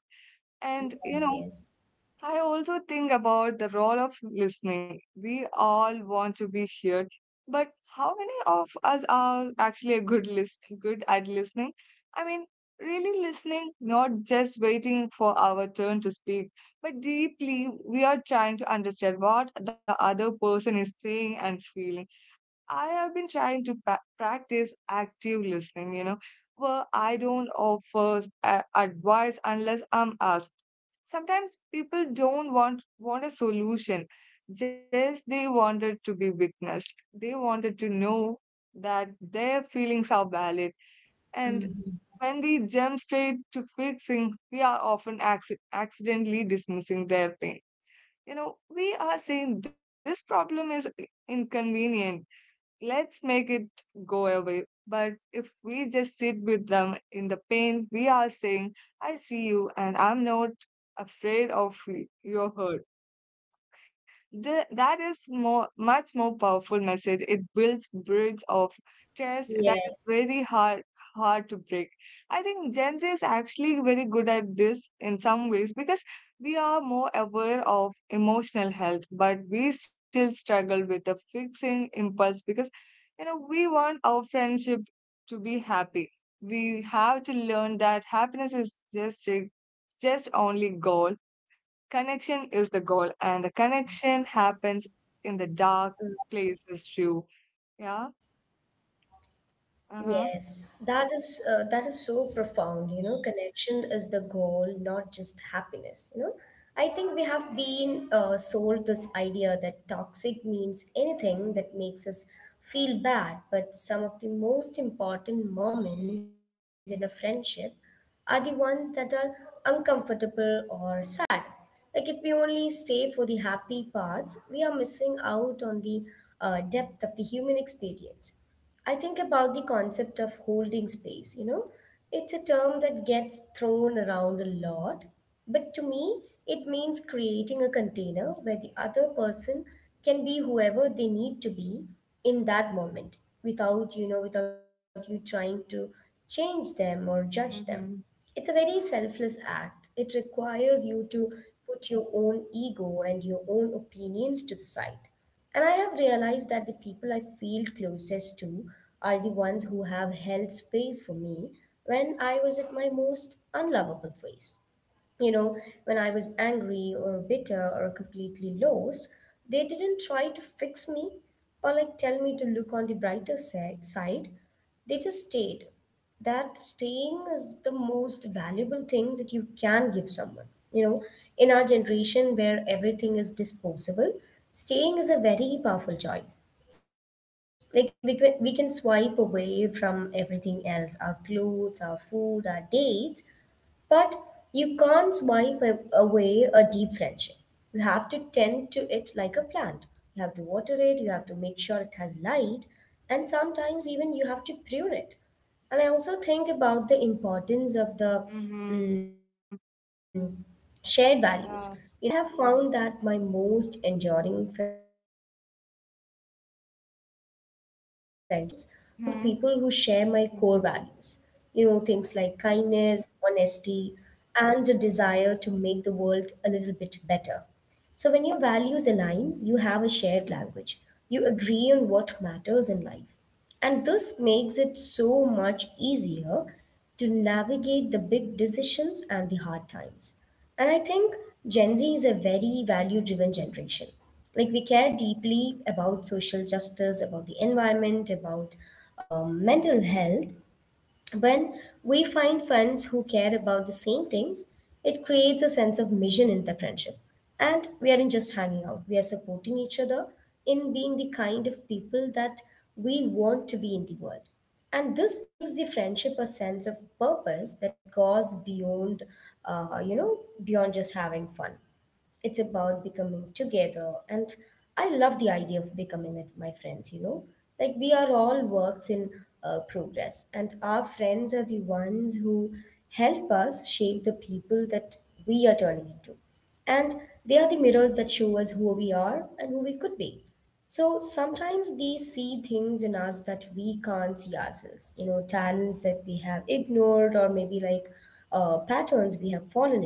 S1: And you know,
S2: Yes, yes.
S1: I also think about the role of listening. We all want to be heard, but how many of us are actually a good at listening? I mean, really listening, not just waiting for our turn to speak, but deeply we are trying to understand what the other person is saying and feeling. I have been trying to practice active listening, you know, where I don't offer advice unless I'm asked. Sometimes people don't want a solution, just they wanted to be witnessed. They wanted to know that their feelings are valid. And when we jump straight to fixing, we are often accidentally dismissing their pain. You know, we are saying this problem is inconvenient, let's make it go away. But if we just sit with them in the pain, we are saying, I see you and I'm not afraid of your hurt. That is more much more powerful message. It builds bridge of trust that is very
S2: Yes.
S1: hard to break. I think Gen Z is actually very good at this in some ways because we are more aware of emotional health, but we still struggle with the fixing impulse because, you know, we want our friendship to be happy. We have to learn that happiness is just only goal. Connection is the goal, and the connection happens in the
S2: Yeah.
S1: dark places too. Yeah. Uh huh.
S2: Yes, that is so profound. You know, connection is the goal, not just happiness. You know, I think we have been sold this idea that toxic means anything that makes us feel bad. But some of the most important moments in a friendship are the ones that are uncomfortable or sad. Like if we only stay for the happy parts, we are missing out on the depth of the human experience. I think about the concept of holding space, you know. It's a term that gets thrown around a lot, but to me, it means creating a container where the other person can be whoever they need to be in that moment without, you know, without you trying to change them or judge them.
S1: Mm-hmm.
S2: It's a very selfless act. It requires you to put your own ego and your own opinions to the side, and I have realized that the people I feel closest to are the ones who have held space for me when I was at my most unlovable phase. You know, when I was angry or bitter or completely lost, they didn't try to fix me or like tell me to look on the side. They just stayed. That staying is the most valuable thing that you can give someone. You know, in our generation where everything is disposable, staying is a very powerful choice. Like we can swipe away from everything else, our clothes, our food, our dates, but you can't swipe away a deep friendship. You have to tend to it like a plant. You have to water it, you have to make sure it has light, and sometimes even you have to prune it. And I also think about the importance of the
S1: Mm-hmm.
S2: mm, shared values. You
S1: Yeah.
S2: know, while it's great to have friends who are different from us, I have found that my most enduring friendships are
S1: Mm-hmm.
S2: with people who share my
S1: Mm-hmm.
S2: core values, you know, things like kindness, honesty, and the desire to make the world a little bit better. So, when your values align, you have a shared language. You agree on what matters in life. And this makes it so much easier to navigate the big decisions and the hard times. And I think Gen Z is a very value driven generation. Like, we care deeply about social justice, about the environment, about mental health. When we find friends who care about the same things, it creates a sense of mission in the friendship. And we aren't just hanging out, we are supporting each other in being the kind of people that we want to be in the world. And this gives the friendship a sense of purpose that goes beyond you know, beyond just having fun. It's about becoming together. And I love the idea of becoming with my friends, you know. Like we are all works in progress, and our friends are the ones who help us shape the people that we are turning into. And they are the mirrors that show us who we are and who we could be. So sometimes they see things in us that we can't see ourselves, you know, talents that we have ignored or maybe like patterns we have fallen into.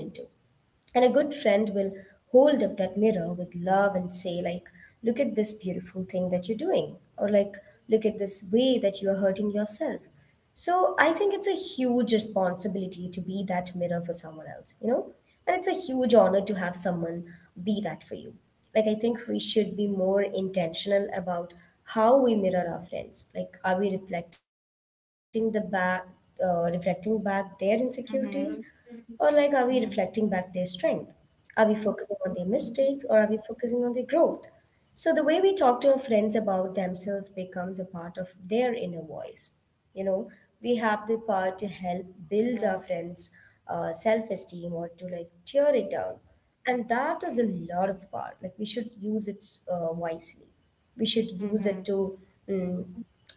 S2: And a good friend will hold up that mirror with love and say, like, look at this beautiful thing that you're doing, or like, look at this way that you are hurting yourself. So I think it's a huge responsibility to be that mirror for someone else, you know? And it's a huge honor to have someone be that for you. Like, I think we should be more intentional about how we mirror our friends. Like, are we reflecting back their insecurities, or
S1: Mm-hmm.
S2: like, are we
S1: Mm-hmm.
S2: reflecting back their strength? Are we focusing on their mistakes, or are we focusing on their growth? So the way we talk to our friends about themselves becomes a part of their inner voice. You know, we have the power to help build our
S1: Yeah.
S2: friends' self-esteem or to like tear it down, and that is a lot of power. Like we should use it wisely. We should use
S1: Mm-hmm.
S2: it to mm,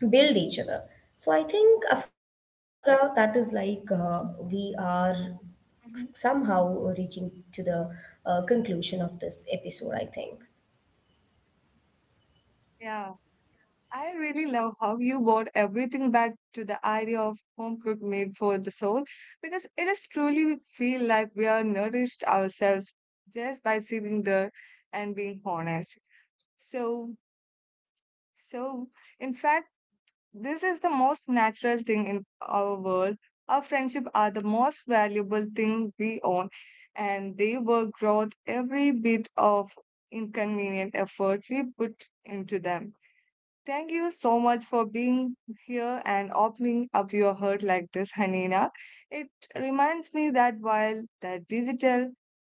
S2: build each other. So I think, Afra, that is like we are somehow
S1: Mhm.
S2: reaching to the conclusion of this episode, I think. Right, Afra? What is your take on what I just
S1: Yeah,
S2: said now?
S1: I really love how you brought everything back to the idea of home cooked meal for the soul, because it is truly feel like we are nourished ourselves just by sitting there and being honest. So, So, in fact, this is the most natural thing in our world. Our friendship are the most valuable thing we own, and they work out every bit of inconvenient effort we put into them. Thank you so much for being here and opening up your heart like this, Hanina. It reminds me that while the digital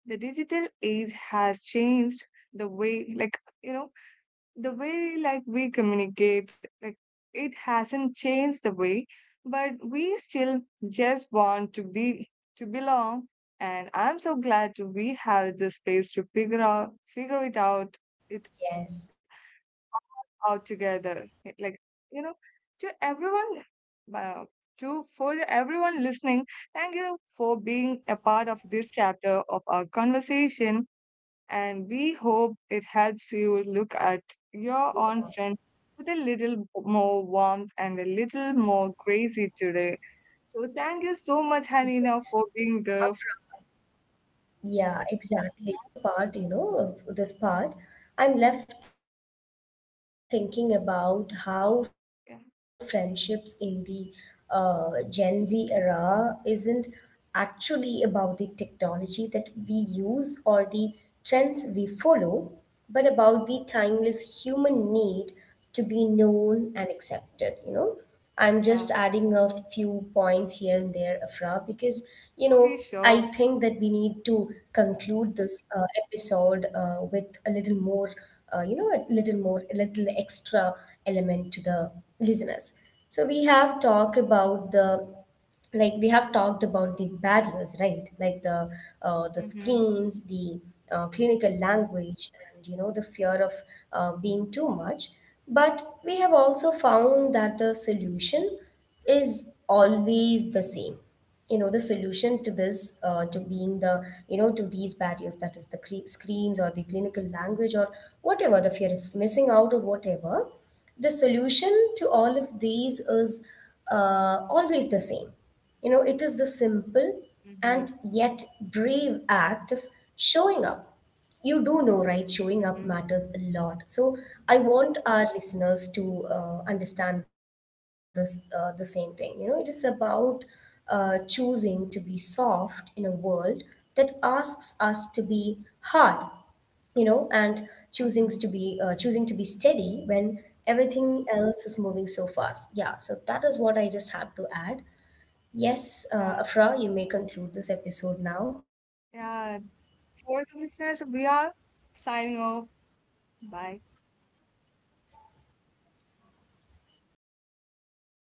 S1: the digital age has changed the way like you know the way like we communicate, like, it hasn't changed the way, but we still just want to be, to belong. And I'm so glad to we have the space to figure it it out together. Like,
S2: Yes.
S1: you know, to everyone, uh, to for the everyone listening, thank you for being a part of this chapter of our conversation, and we hope it helps you look at your own friends with a little more warmth and a little more crazy today. So thank you so much, Hanina, for being the
S2: Yeah, exactly. As we wrap up this first part, you know, of
S1: yeah.
S2: this part, I'm left thinking about how friendships in the Gen Z era isn't actually about the technology that we use or the trends we
S1: Hmm.
S2: follow, but about the timeless human need to be known and accepted, you know. I'm
S1: Yeah.
S2: just adding a few points here and there, Afra, because you know
S1: Okay,
S2: I
S1: sure.
S2: think that we need to conclude this episode with a little more, you know, a little more, a little extra element to the listeners. So we have talked about the barriers, right? Like the
S1: Mm-hmm.
S2: screens, the clinical language, and you know the fear of being too much. But we have also found that the solution is always the same. You know, the solution to this, to being the, you know, to these barriers, that is the screens or the clinical language or whatever, the fear of missing out or whatever, the solution to all of these is always the same. You know, it is the simple
S1: Mm-hmm.
S2: and yet brave act of showing up. You do know, right?
S1: Mm-hmm.
S2: Showing up matters a lot. So I want our listeners to understand this, the same thing. You know, it is about choosing to be soft in a world that asks us to be hard, you know, and
S1: Mm-hmm.
S2: choosing to be steady when everything else is moving so fast. Yeah, so that is what I just have to add. Yes,
S1: Yeah.
S2: Afra, you may conclude this episode now.
S1: Yeah. For the listeners, we are signing off. Bye.